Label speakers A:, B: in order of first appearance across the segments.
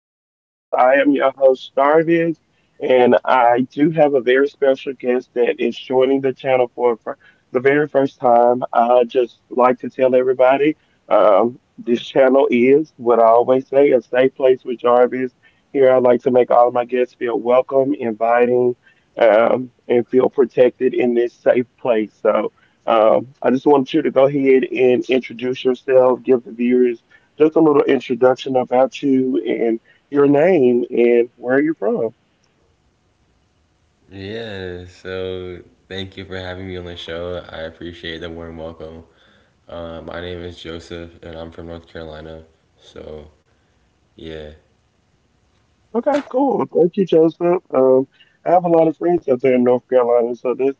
A: with Jarvis. I am your host, Jarvis, and I do have a very special guest that is joining the channel for the very first time. I just like to tell everybody this channel is what I always say a safe place with Jarvis. Here, I like to make all of my guests feel welcome, inviting, and feel protected in this safe place. So, I just want you to go ahead and introduce yourself, give the viewers just a little introduction about you and your name and where you're from.
B: Yeah, so thank you for having me on the show. I appreciate the warm welcome. My name is Joseph, and I'm from North Carolina. So, yeah,
A: Okay, cool. Well, thank you, Joseph. I have a lot of friends out there in North Carolina, so that's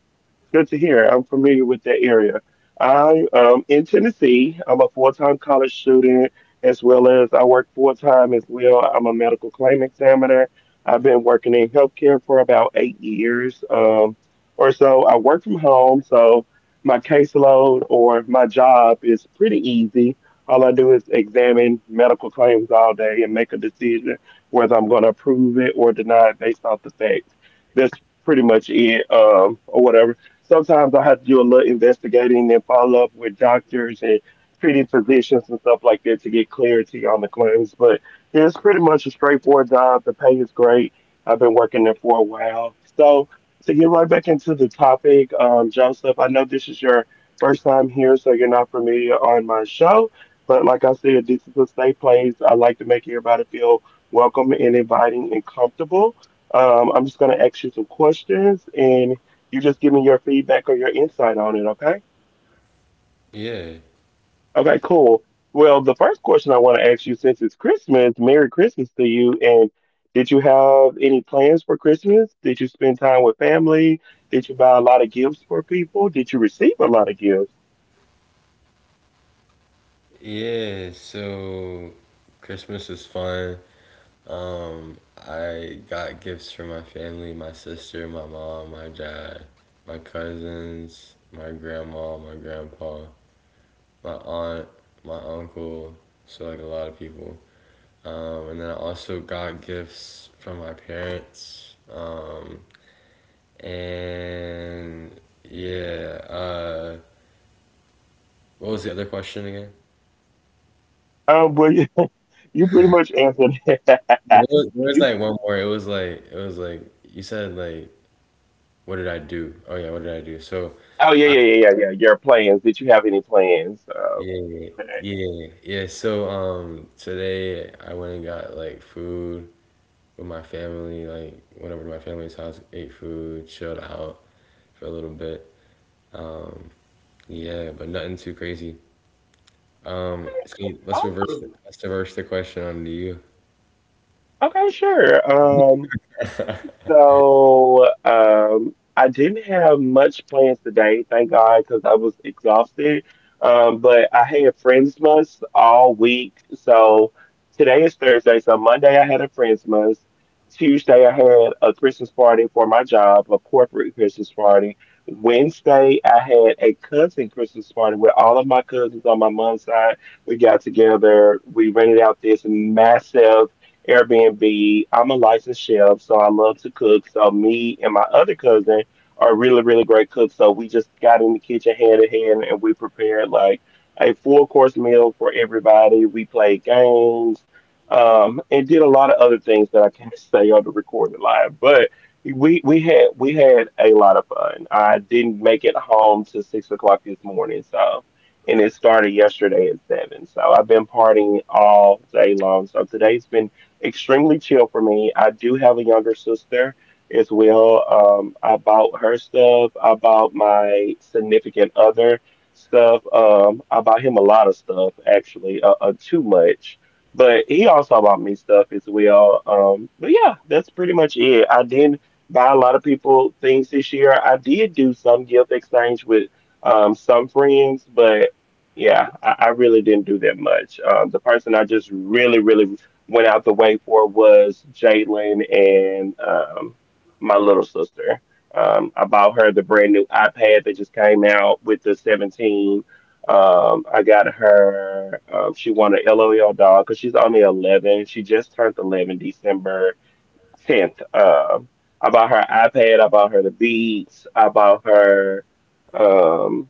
A: good to hear. I'm familiar with that area. I am in Tennessee. I'm a full-time college student, as well as I work full-time as well. I'm a medical claim examiner. I've been working in healthcare for about 8 years, or so. I work from home, so my caseload or my job is pretty easy. All I do is examine medical claims all day and make a decision whether I'm going to approve it or deny it based off the facts. That's pretty much it, or whatever. Sometimes I have to do a little investigating and follow up with doctors and treating physicians and stuff like that to get clarity on the claims. But yeah, it's pretty much a straightforward job. The pay is great. I've been working there for a while. So to get right back into the topic, Joseph, I know this is your first time here, so you're not familiar on my show. But like I said, this is a safe place. I like to make everybody feel welcome and inviting and comfortable. I'm just going to ask you some questions and you just give me your feedback or your insight on it, okay?
B: yeah,
A: Okay, cool. Well, the first question I want to ask you, since it's Christmas, Merry Christmas to you. And did you have any plans for Christmas? Did you spend time with family? Did you buy a lot of gifts for people? Did you receive a lot of gifts?
B: yeah. So, Christmas is fun. Um, I got gifts from my family, my sister, my mom, my dad, my cousins, my grandma, my grandpa, my aunt, my uncle. So, like a lot of people. And then I also got gifts from my parents. And yeah, uh, what was the other question again?
A: Well, you you pretty much answered that.
B: There was, there was
A: You,
B: like one more. It was like you said like what did I do? Oh yeah, what did I do? So
A: oh, yeah,
B: I
A: yeah, yeah, yeah, yeah. Your plans. Did you have any plans?
B: yeah
A: Today?
B: yeah yeah. So today I went and got like food with my family. Like went over to my family's house, ate food, chilled out for a little bit. Um yeah, but nothing too crazy. So let's
A: Oh,
B: reverse it. Let's reverse the question onto you.
A: okay, sure. So I didn't have much plans today, thank God, because I was exhausted. But I had Friends Month all week. So today is Thursday. So Monday I had a Friends Month. Tuesday I had a Christmas party for my job, a corporate Christmas party. Wednesday I had a cousin Christmas party with all of my cousins on my mom's side. We got together. We rented out this massive Airbnb. I'm a licensed chef, so I love to cook. So me and my other cousin are really, really great cooks. So we just got in the kitchen hand in hand and we prepared like a four course meal for everybody. We played games, and did a lot of other things that I can't say on the recorded live. But we had a lot of fun. I didn't make it home till 6 o'clock this morning, so and it started yesterday at seven. So I've been partying all day long. So today's been extremely chill for me. I do have a younger sister as well. I bought her stuff. I bought my significant other stuff. I bought him a lot of stuff actually, too much. But he also bought me stuff as well. But yeah, that's pretty much it. I didn't buy a lot of people things this year. I did do some gift exchange with some friends, but yeah, I really didn't do that much. The person I just really, really went out the way for was Jalen and my little sister. I bought her the brand new iPad that just came out with the 17. I got her, she wanted an LOL dog because she's only 11. She just turned 11 December 10th. I bought her iPad. I bought her the Beats. I bought her. Um,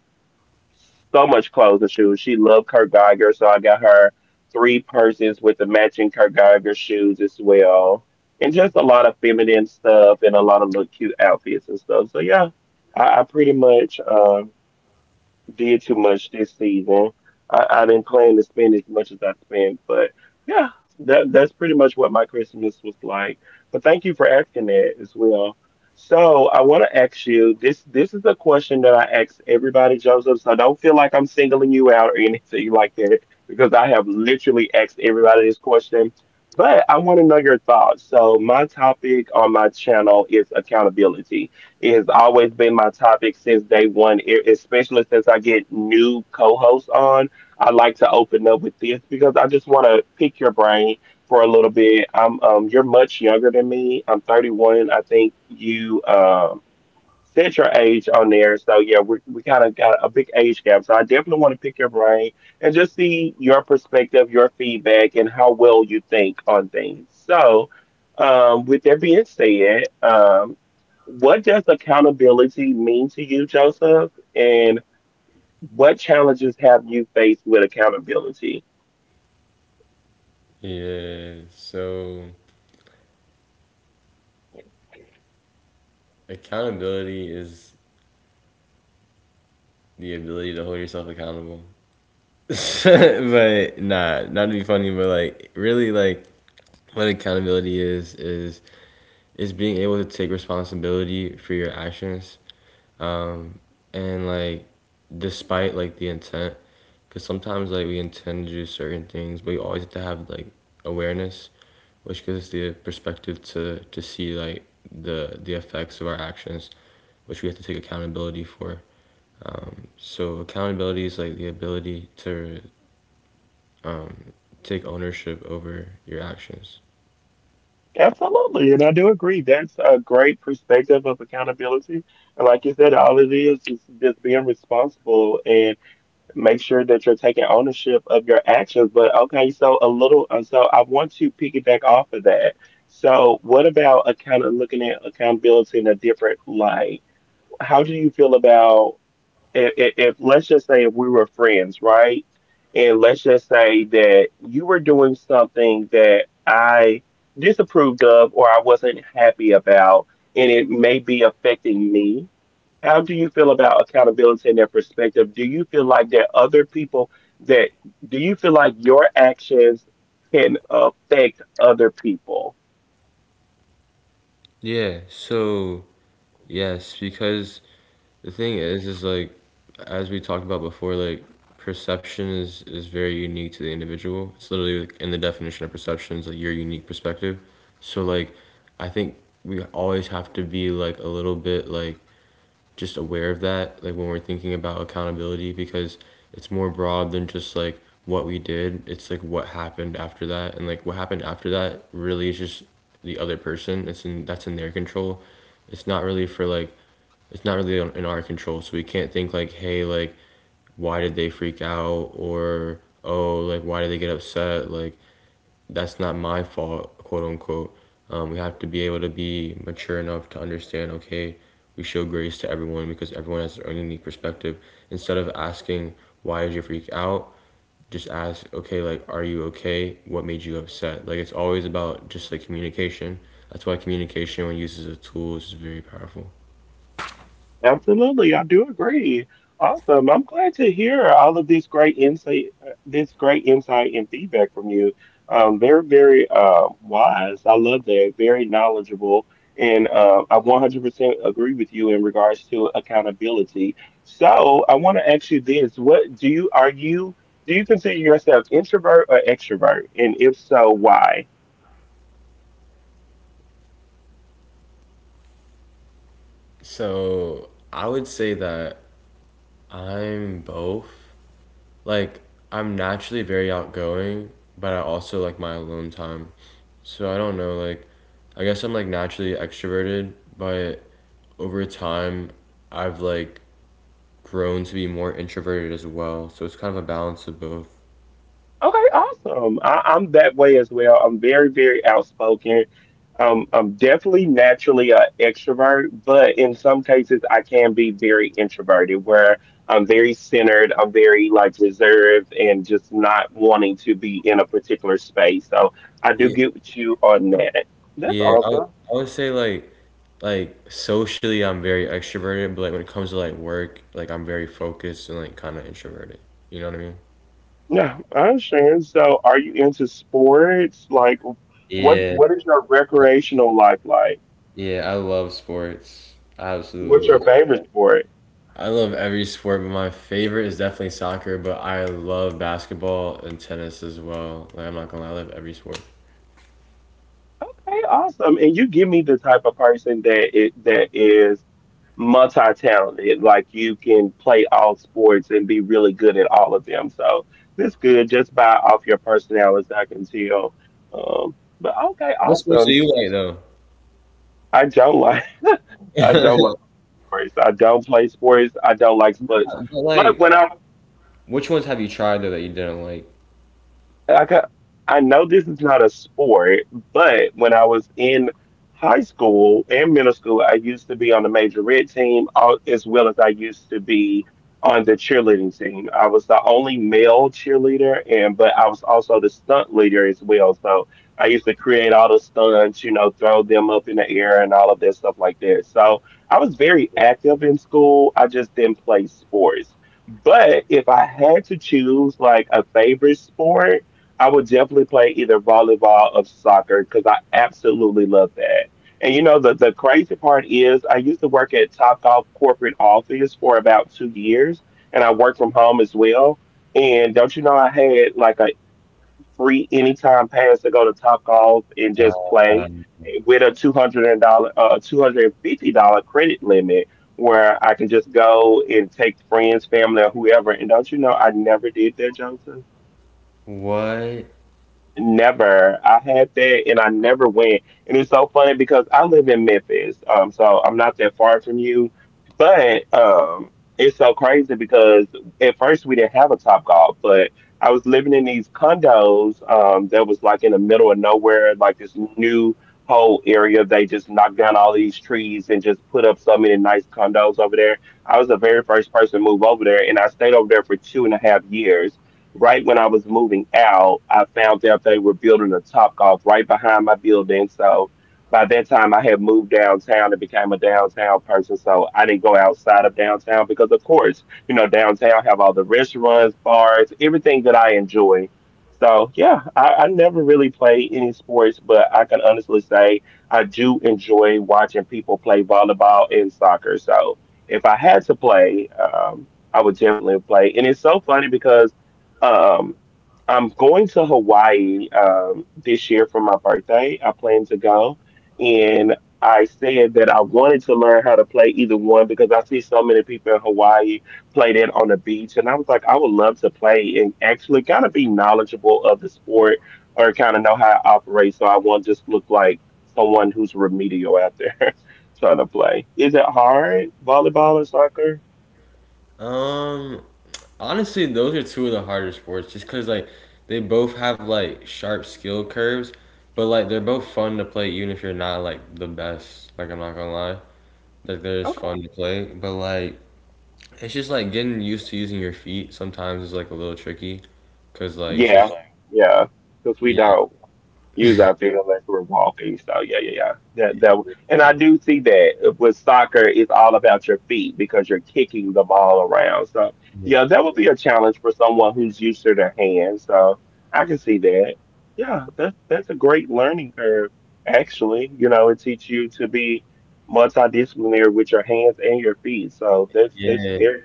A: so much clothes and shoes. She loved Kurt Geiger, so I got her three purses with the matching Kurt Geiger shoes as well, and just a lot of feminine stuff and a lot of little cute outfits and stuff. So yeah, I pretty much did too much this season. I didn't plan to spend as much as I spent, but yeah, that's pretty much what my Christmas was like. But thank you for asking that as well. So I want to ask you this. This is a question that I ask everybody, Joseph. So don't feel like I'm singling you out or anything like that, because I have literally asked everybody this question. But I want to know your thoughts. So my topic on my channel is accountability, it has always been my topic since day one, especially since I get new co hosts on. I like to open up with this because I just want to pick your brain for a little bit. You're much younger than me. I'm 31. I think you, set your age on there. So yeah, we kind of got a big age gap. So I definitely want to pick your brain and just see your perspective, your feedback, and how well you think on things. So, with that being said, what does accountability mean to you, Joseph? And what challenges have you faced with accountability?
B: Yeah, so accountability is the ability to hold yourself accountable. But nah, not to be funny, but like really like what accountability is being able to take responsibility for your actions um, and like despite like the intent, because sometimes like we intend to do certain things, but you always have to have like awareness, which gives the perspective to see like the effects of our actions, which we have to take accountability for. So accountability is like the ability to um, take ownership over your actions.
A: Absolutely, and I do agree. That's a great perspective of accountability. And like you said, all it is just being responsible and make sure that you're taking ownership of your actions. But okay, so a little, so I want to piggyback off of that. So, what about account looking at accountability in a different light? How do you feel about, if let's just say if we were friends, right? And let's just say that you were doing something that I disapproved of or I wasn't happy about, and it may be affecting me. How do you feel about accountability in that perspective? Do you feel like that other people that do you feel like your actions can affect other people?
B: Yeah. So yes, because the thing is like as we talked about before, like perception is very unique to the individual. It's literally like in the definition of perception is like your unique perspective. So like I think we always have to be like a little bit like just aware of that, like when we're thinking about accountability because it's more broad than just like what we did. It's like what happened after that, and like what happened after that really is just the other person. It's in that's in their control. It's not really for like it's not really in our control. So we can't think like, hey, like why did they freak out? Or oh, like why did they get upset? Like that's not my fault, quote unquote. We have to be able to be mature enough to understand. Okay, we show grace to everyone because everyone has their own unique perspective. Instead of asking why did you freak out, just ask okay, like are you okay? What made you upset? Like it's always about just like communication. That's why communication when used as a tool is very powerful.
A: Absolutely, I do agree. Awesome. I'm glad to hear all of this this great insight and feedback from you. Very, very wise. I love that. Very knowledgeable, and I 100% agree with you in regards to accountability. So, I want to ask you this: What do you are you do you consider yourself introvert or extrovert? And if so, why?
B: So I would say that I'm both. Like I'm naturally very outgoing, but I also like my alone time. So I don't know, like I guess I'm like naturally extroverted, but over time I've like grown to be more introverted as well. So it's kind of a balance of both.
A: Okay, awesome. I'm that way as well. I'm very, very outspoken. I'm definitely naturally an extrovert, but in some cases I can be very introverted, where I'm very centered, I'm very like reserved, and just not wanting to be in a particular space. So I do
B: Yeah,
A: get with you on that. That's
B: yeah, I
A: awesome.
B: I would say like socially I'm very extroverted, but like when it comes to like work, like I'm very focused and like kind of introverted. You know what I mean?
A: Yeah, I understand. So, are you into sports? Like, what
B: Yeah,
A: what is your recreational life like?
B: yeah, I love sports. I
A: What's
B: absolutely
A: your
B: love
A: favorite sport?
B: I love every sport, but my favorite is definitely soccer, but I love basketball and tennis as well. Like I'm not gonna lie, I love every sport.
A: Okay, awesome. And you give me the type of person that is multi-talented. Like you can play all sports and be really good at all of them. So that's good. Just by off your personality, I can tell. But okay,
B: What sports do
A: awesome.
B: you
A: I don't like
B: like
A: I don't like
B: though?
A: sports. I don't play sports. I don't like sports.
B: But
A: But
B: like
A: when
B: which ones have you tried though that you didn't like?
A: I got, I know this is not a sport, but when I was in high school and middle school, I used to be on the major red team, as well as I used to be on the cheerleading team. I was the only male cheerleader, and but I was also the stunt leader as well. So I used to create all the stunts, you know, throw them up in the air and all of that stuff like that. So I was very active in school. I just didn't play sports. But if I had to choose like a favorite sport, I would definitely play either volleyball or soccer because I absolutely love that. And you know the crazy part is I used to work at Topgolf corporate office for about 2 years, and I worked from home as well. And don't you know I had like a free anytime pass to go to Topgolf and just play
B: Um,
A: with a $250 credit limit where I can just go and take friends, family, or whoever. And don't you know I never did that, Joseph.
B: what?
A: Never. I had that and I never went. And it's so funny because I live in Memphis. So I'm not that far from you. But it's so crazy because at first we didn't have a top golf, but I was living in these condos that was like in the middle of nowhere, like this new whole area. They just knocked down all these trees and just put up so many nice condos over there. I was the very first person to move over there and I stayed over there for two and a half years right when I was moving out, I found out they were building a Top Golf right behind my building. So by that time, I had moved downtown and became a downtown person. So I didn't go outside of downtown because, of course, you know, downtown have all the restaurants, bars, everything that I enjoy. So yeah, I never really played any sports, but I can honestly say I do enjoy watching people play volleyball and soccer. So if I had to play, I would definitely play. And it's so funny because um, I'm going to Hawaii this year for my birthday. I plan to go. And I said that I wanted to learn how to play either one because I see so many people in Hawaii play that on the beach. And I was like, I would love to play and actually kind of be knowledgeable of the sport or kind of know how it operates. So I won't just look like someone who's remedial out there trying to play. Is it hard, volleyball or soccer?
B: Um, Honestly, those are two of the harder sports just because, like, they both have, like, sharp skill curves, but, like, they're both fun to play even if you're not, like, the best. Like, I'm not gonna lie. Like they're just
A: Okay.
B: fun to play, but like it's just like getting used to using your feet sometimes is like a little tricky because like it's
A: Yeah,
B: just
A: yeah, because we
B: yeah.
A: don't. Use I feel like we're walking. So yeah, yeah, yeah. And I do see that with soccer, it's all about your feet because you're kicking the ball around. So yeah, that would be a challenge for someone who's used to their hands. So I can see that. Yeah, that's a great learning curve. Actually, you know, it teaches you to be multidisciplinary with your hands and your feet. So that's
B: Yeah,
A: very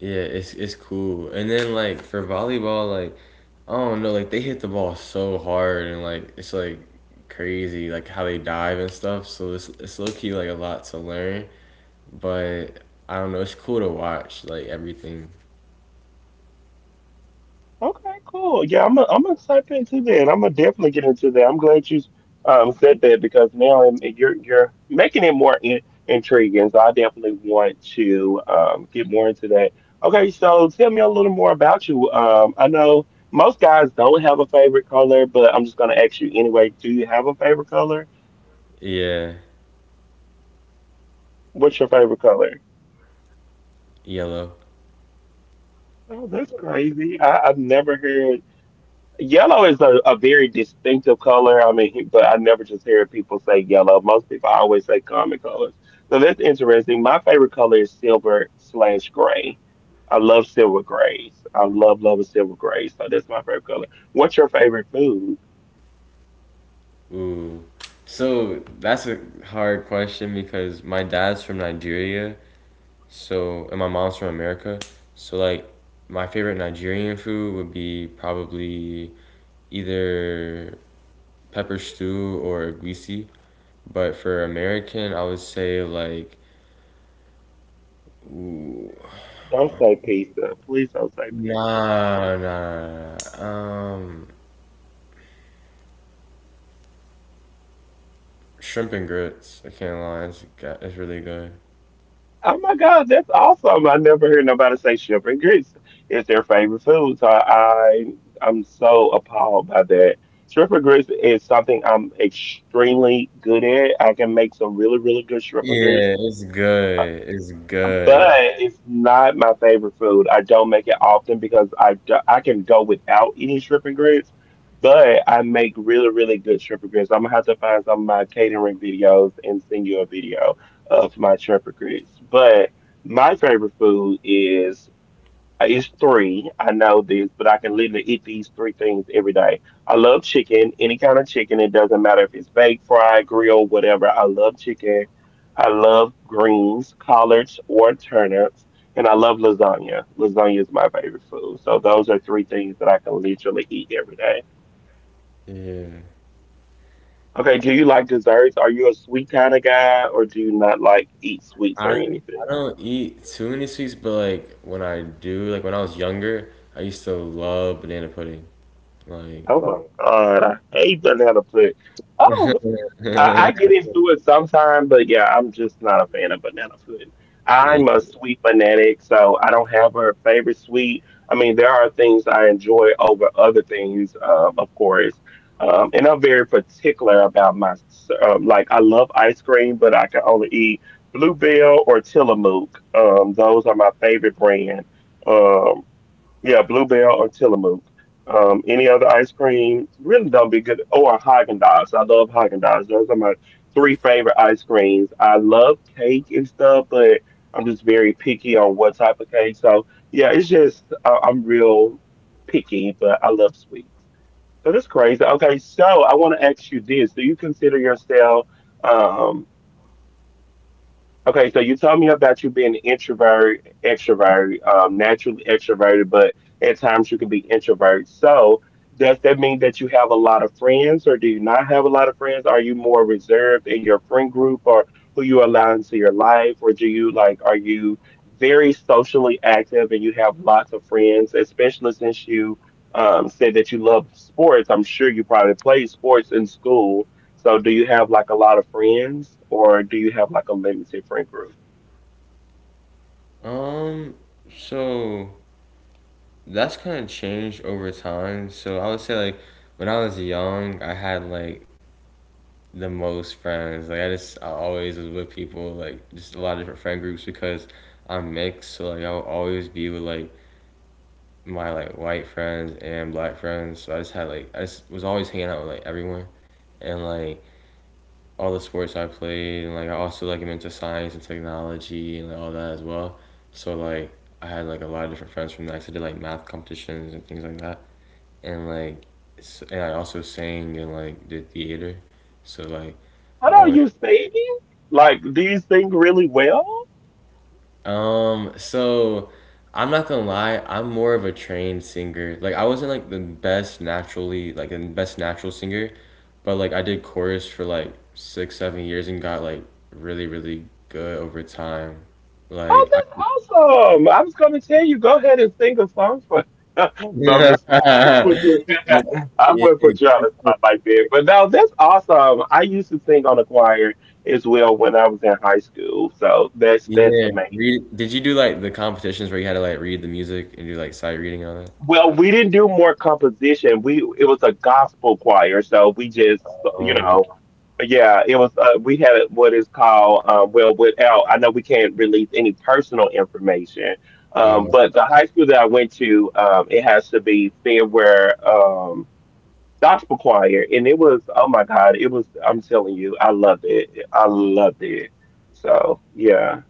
B: yeah, it's cool. And then like for volleyball, like I don't know, like they hit the ball so hard and like it's like crazy, like how they dive and stuff. So it's low key like a lot to learn, but I don't know, it's cool to watch like everything.
A: Okay, cool. Yeah, I'm I am I gonna type into that. I'm gonna definitely get into that. I'm glad you said that because now I'm you're making it more intriguing. So I definitely want to get more into that. Okay, so tell me a little more about you. I know most guys don't have a favorite color, but I'm just gonna ask you anyway. Do you have a favorite color?
B: Yeah,
A: What's your favorite color?
B: yellow.
A: Oh, that's crazy. I've never heard. Yellow is a very distinctive color. I mean, but I never just hear people say yellow. Most people always say common colors. So that's interesting. My favorite color is silver slash gray. I love silver grays. I love, love silver grays. So that's my favorite color. What's your favorite food?
B: Ooh. So that's a hard question because my dad's from Nigeria, so and my mom's from America. So like my favorite Nigerian food would be probably either pepper stew or egusi. But for American, I would say like ooh,
A: Don't say pizza. Please don't say pizza.
B: nah, nah, nah, nah. nah. Shrimp and grits. I can't lie, it's really good.
A: Oh my God, that's awesome! I never hear nobody say shrimp and grits is their favorite food. I'm so appalled by that. Shrimp and grits is something I'm extremely good at. I can make some really really good shrimp and grits
B: Yeah, it's good. It's
A: but
B: good.
A: it's not my favorite food. I don't make it often because I can go without eating shrimp and grits, but I make really, really good shrimp and grits. I'm gonna have to find some of my catering videos and send you a video of my shrimp and grits. But my favorite food is it's three. I know this, but I can literally eat these three things every day. I love chicken, any kind of chicken. It doesn't matter if it's baked, fried, grilled, whatever. I love chicken. I love greens, collards, or turnips. And I love lasagna. Lasagna is my favorite food. So those are three things that I can literally eat every day.
B: Yeah.
A: Okay, do you like desserts? Are you a sweet kind of guy, or do you not like eat sweets
B: I
A: or
B: I
A: anything?
B: don't eat too many sweets, but like when I do, like when I was younger, I used to love banana pudding. Like,
A: Oh my God, I hate learning how to play. Oh, I get into it sometimes, but yeah, I'm just not a fan of banana pudding.
B: yeah.
A: I'm a sweet fanatic, so I don't have a favorite sweet. I mean, there are things I enjoy over other things, of course. And I'm very particular about my, like, I love ice cream, but I can only eat Bluebell or Tillamook. Those are my favorite brand. Um, yeah, Bluebell or Tillamook. Any other ice cream really don't be good. Oh, or Haagen Dazs. I love Haagen Dazs. Those are my three favorite ice creams. I love cake and stuff, but I'm just very picky on what type of cake. So yeah, it's just I'm real picky, but I love sweets. So that's crazy. Okay, so I want to ask you this: Do you consider yourself? um? Okay, so you told me about you being an introvert, extrovert, naturally extroverted, but at times you can be introvert. So does that mean that you have a lot of friends, or do you not have a lot of friends? Are you more reserved in your friend group, or who you allow into your life, or do you like are you very socially active and you have lots of friends, especially since you said that you love sports? I'm sure you probably played sports in school so do you have like a lot of friends or do you have like a limited friend group?
B: um, so that's kind of changed over time. So I would say like when I was young, I had like the most friends. Like I always was with people like just a lot of different friend groups because I'm mixed. So like I would always be with like my like white friends and black friends. So I just had like I just was always hanging out with like everyone, and like all the sports I played, and like I also like am into science and technology and like, all that as well. So like I had like a lot of different friends from that. I did like math competitions and things like that, and like and I also sang and like did theater. So like I
A: How are
B: always
A: you singing? Like, do you sing really well?
B: So I'm not gonna lie, I'm more of a trained singer. Like I wasn't like the best naturally like the best natural singer, but like I did chorus for like six, 7 years and got like really, really good over time.
A: Oh,
B: Like I
A: that's awesome. I was gonna tell you, go ahead and sing a song for No, I'm
B: Yeah.
A: just playing. I wouldn't put you I
B: Yeah.
A: wouldn't put you on
B: 'Cause,
A: the
B: like,
A: spot like that. But no, that's awesome. I used to sing on a choir as well when I was in high school. So that's
B: yeah.
A: amazing.
B: Read, did you do like the competitions where you had to like read the music and do like sight reading and
A: Well, we didn't do more composition. We it was a gospel choir, so we just you
B: all that?
A: know, yeah, it was. We had what is called well, without I know we can't release any personal information,
B: Oh.
A: but the high school that I went to, it has to be Fairware Gospel Choir, and it was oh my God, it was. I'm telling you, I loved it. I loved it. So yeah.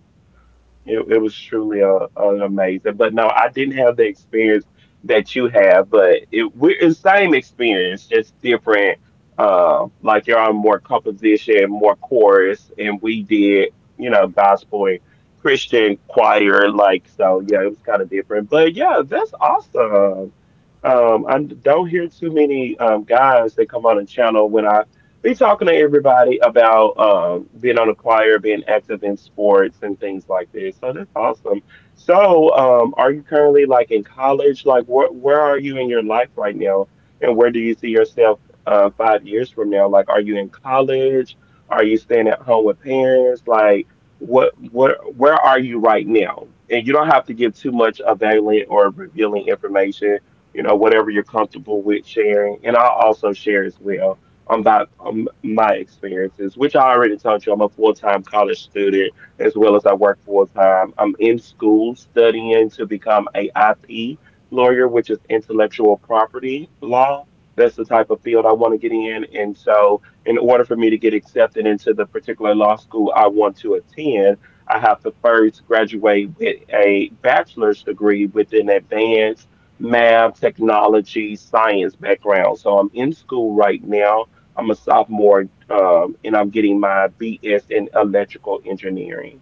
A: It was truly an amazing, but no, I didn't have the experience that you have, but it's same experience, just different. Like you're on more composition, more chorus, and we did, you know, gospel and Christian choir, like so. Yeah, it was kind of different, but yeah, that's awesome. I don't hear too many guys that come on the channel when I be talking to everybody about being on a choir, being active in sports, and things like this. So that's awesome. So, are you currently like in college? Like, where are you in your life right now, and where do you see yourself 5 years from now? Like, are you in college? Are you staying at home with parents? Like, what where are you right now? And you don't have to give too much available or revealing information. You know, whatever you're comfortable with sharing, and I'll also share as well about my experiences, which I already told you, I'm a full time college student as well as I work full time. I'm in school studying to become a IP lawyer, which is intellectual property law. That's the type of field I want to get in. And so, in order for me to get accepted into the particular law school I want to attend, I have to first graduate with a bachelor's degree with an advanced math, technology, science background. So, I'm in school right now I'm a sophomore, and I'm getting my BS in electrical engineering.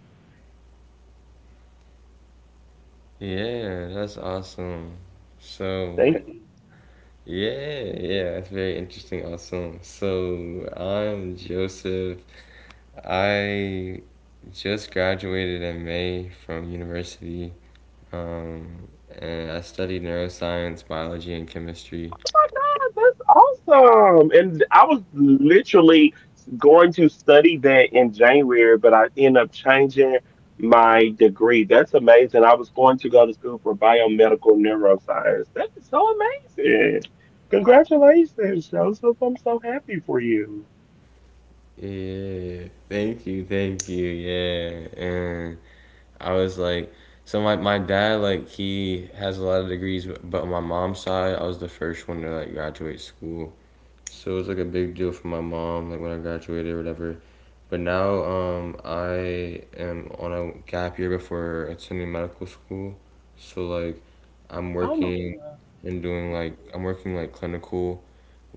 B: Yeah, that's awesome.
A: Thank
B: So,
A: you.
B: yeah, yeah, that's very interesting. Awesome. So I'm Joseph. I just graduated in May from university, um, and I studied neuroscience, biology, and chemistry.
A: Oh my God, that's awesome! And I was literally going to study that in January, but I end up changing my degree. That's amazing. I was going to go to school for biomedical neuroscience. That is so amazing. Congratulations, Joseph. I'm so happy for you.
B: Yeah, thank you, thank you. Yeah, and I was like, so my dad like he has a lot of degrees, but on my mom's side, I was the first one to like graduate school. So it was like a big deal for my mom, like when I graduated or whatever. But now I am on a gap year before attending medical school. So like I'm
A: Oh my
B: working
A: God.
B: and doing like I'm working like clinical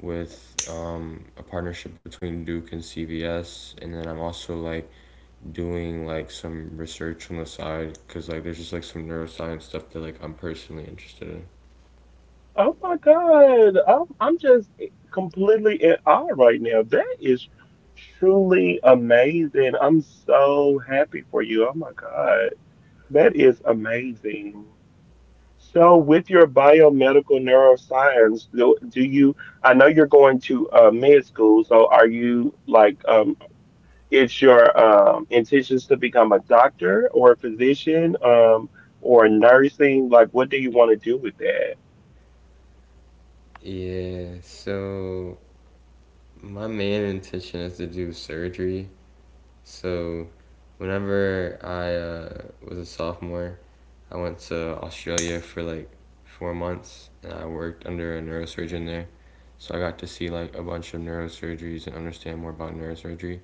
B: with a partnership between Duke and CVS, and then I'm also like doing like some research on the side because like there's just like some neuroscience stuff that like I'm personally interested in.
A: Oh my God. I'm just completely in awe right now. That is truly amazing. I'm so happy for you. Oh my God. That is amazing. So, with your biomedical neuroscience, do you? I know you're going to med school, so are you like, it's your intentions to become a doctor or a physician or nursing? Like, what do you want to do with that?
B: Yeah, so my main intention is to do surgery. So, whenever I was a sophomore, I went to Australia for like 4 months and I worked under a neurosurgeon there. So, I got to see like a bunch of neurosurgeries and understand more about neurosurgery.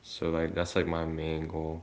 B: So, like, that's like my main goal.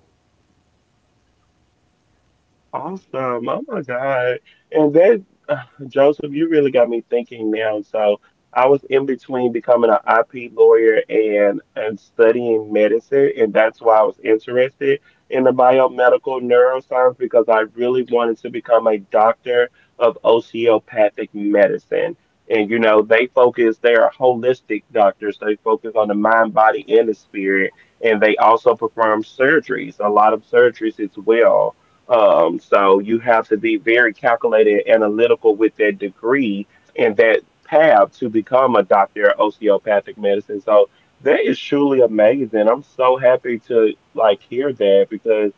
A: Awesome. Oh my God. And that, Joseph, you really got me thinking now. So I was in between becoming an IP lawyer and studying medicine. And that's why I was interested in the biomedical neuroscience because I really wanted to become a doctor of osteopathic medicine. And, you know, they are holistic doctors. They focus on the mind, body, and the spirit. And they also perform surgeries, a lot of surgeries as well. So you have to be very calculated and analytical with that degree and that path to become a doctor of osteopathic medicine. So that is truly amazing. I'm so happy to like hear that because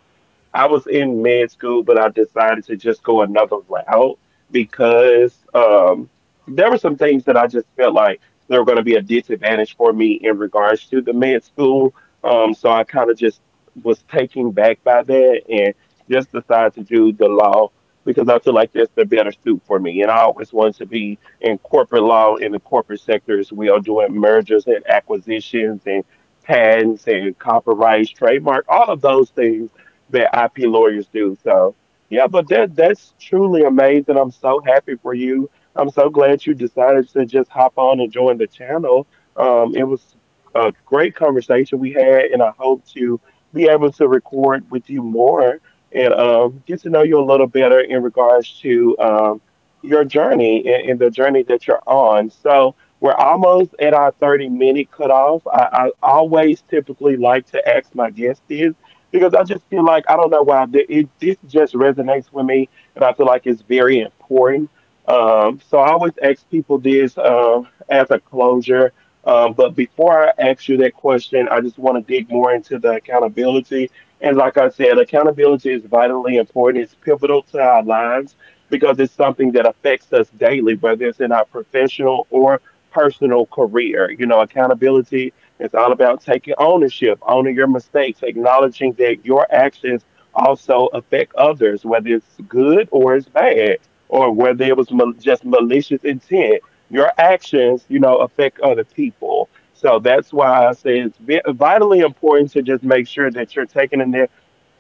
A: I was in med school, but I decided to just go another route because there were some things that I just felt like they were going to be a disadvantage for me in regards to the med school. So I kind of just was taken back by that and just decided to do the law because I feel like that's the better suit for me. And I always wanted to be in corporate law in the corporate sector as well, doing mergers and acquisitions and patents and copyrights, trademark, all of those things that IP lawyers do. So yeah, but that's truly amazing. I'm so happy for you. I'm so glad you decided to just hop on and join the channel. It was a great conversation we had, and I hope to be able to record with you more and get to know you a little better in regards to your journey and the journey that you're on. So we're almost at our 30-minute minute cutoff. I always typically like to ask my guests this because I just feel like I don't know why the, it this just resonates with me, and I feel like it's very important. So I always ask people this as a closure. But before I ask you that question, I just want to dig more into the accountability. And like I said, accountability is vitally important. It's pivotal to our lives because it's something that affects us daily, whether it's in our professional or personal career. You know, accountability, it's all about taking ownership, owning your mistakes, acknowledging that your actions also affect others, whether it's good or it's bad, or whether it was just malicious intent. Your actions, you know, affect other people. So that's why I say it's vitally important to just make sure that you're taking the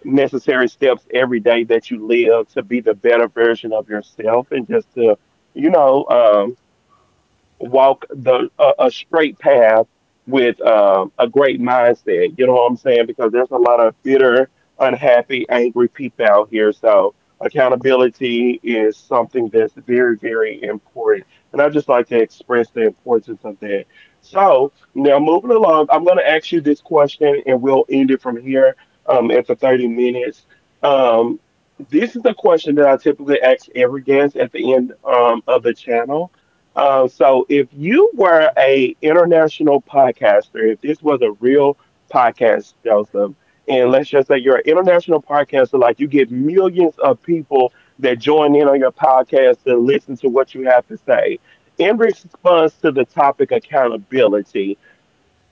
A: necessary steps every day that you live to be the better version of yourself and just to, you know, walk a straight path with a great mindset. You know what I'm saying? Because there's a lot of bitter, unhappy, angry people out here. So accountability is something that's very, very important. And I just like to express the importance of that. So now moving along, I'm going to ask you this question, and we'll end it from here after 30 minutes. Um, this is a question that I typically ask every guest at the end of the channel. So if you were a international podcaster, if this was a real podcast, Joseph, and let's just say you're an international podcaster, like you get millions of people that join in on your podcast and listen to what you have to say. In response to the topic accountability,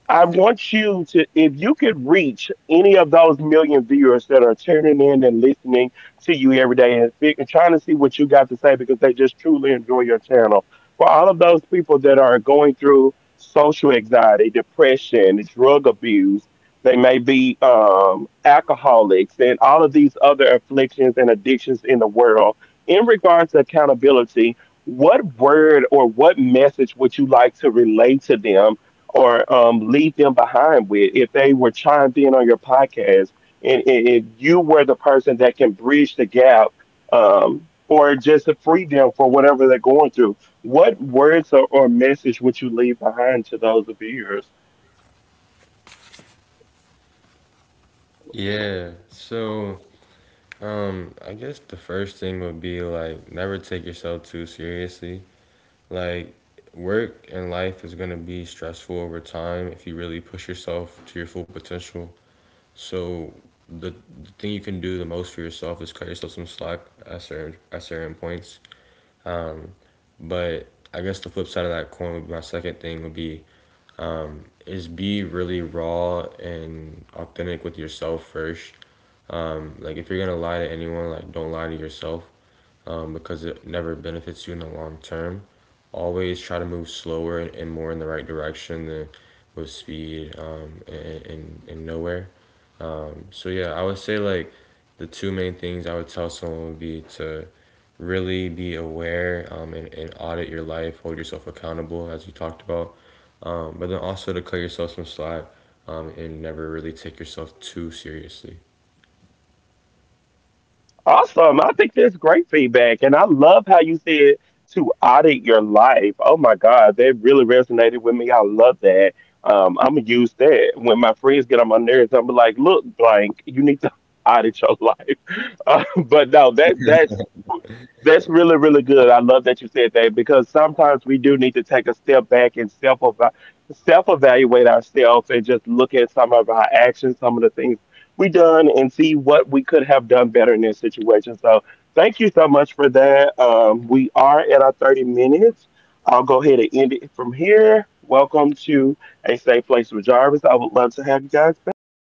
A: I want you to, if you could reach any of those million viewers that are tuning in and listening to you every day and, and trying to see what you got to say because they just truly enjoy your channel. For all of those people that are going through social anxiety, depression, drug abuse, they may be alcoholics and all of these other afflictions and addictions in the world. In regards to accountability, what word or what message would you like to relate to them? Or leave them behind with if they were chimed in on your podcast and you were the person that can bridge the gap or just to free them for whatever they're going through. What words or message would you leave behind to those of yours?
B: Yeah. So, I guess the first thing would be like never take yourself too seriously. Like, work and life is going to be stressful over time if you really push yourself to your full potential. So, the thing you can do the most for yourself is cut yourself some slack at certain points. But I guess the flip side of that coin would be my second thing would be is be really raw and authentic with yourself first. Like if you're gonna lie to anyone, like don't lie to yourself, because it never benefits you in the long term. Always try to move slower and, more in the right direction than with speed, and nowhere. So, yeah, I would say like the two main things I would tell someone would be to really be aware, and audit your life, hold yourself accountable, as you talked about, but then also to cut yourself some slack, and never really take yourself too seriously.
A: Awesome. I think that's great feedback. And I love how you said to audit your life. Oh my God, that really resonated with me. I love that. I'm going to use that. When my friends get on my nerves, I'm like, look, blank, you need to audit your life. But no, that's really, really good. I love that you said that because sometimes we do need to take a step back and self evaluate ourselves and just look at some of our actions, some of the things we done, and see what we could have done better in this situation. So, thank you so much for that. We are at our 30 minutes. I'll go ahead and end it from here. Welcome to a safe place with Jarvis. I would love to have you guys back.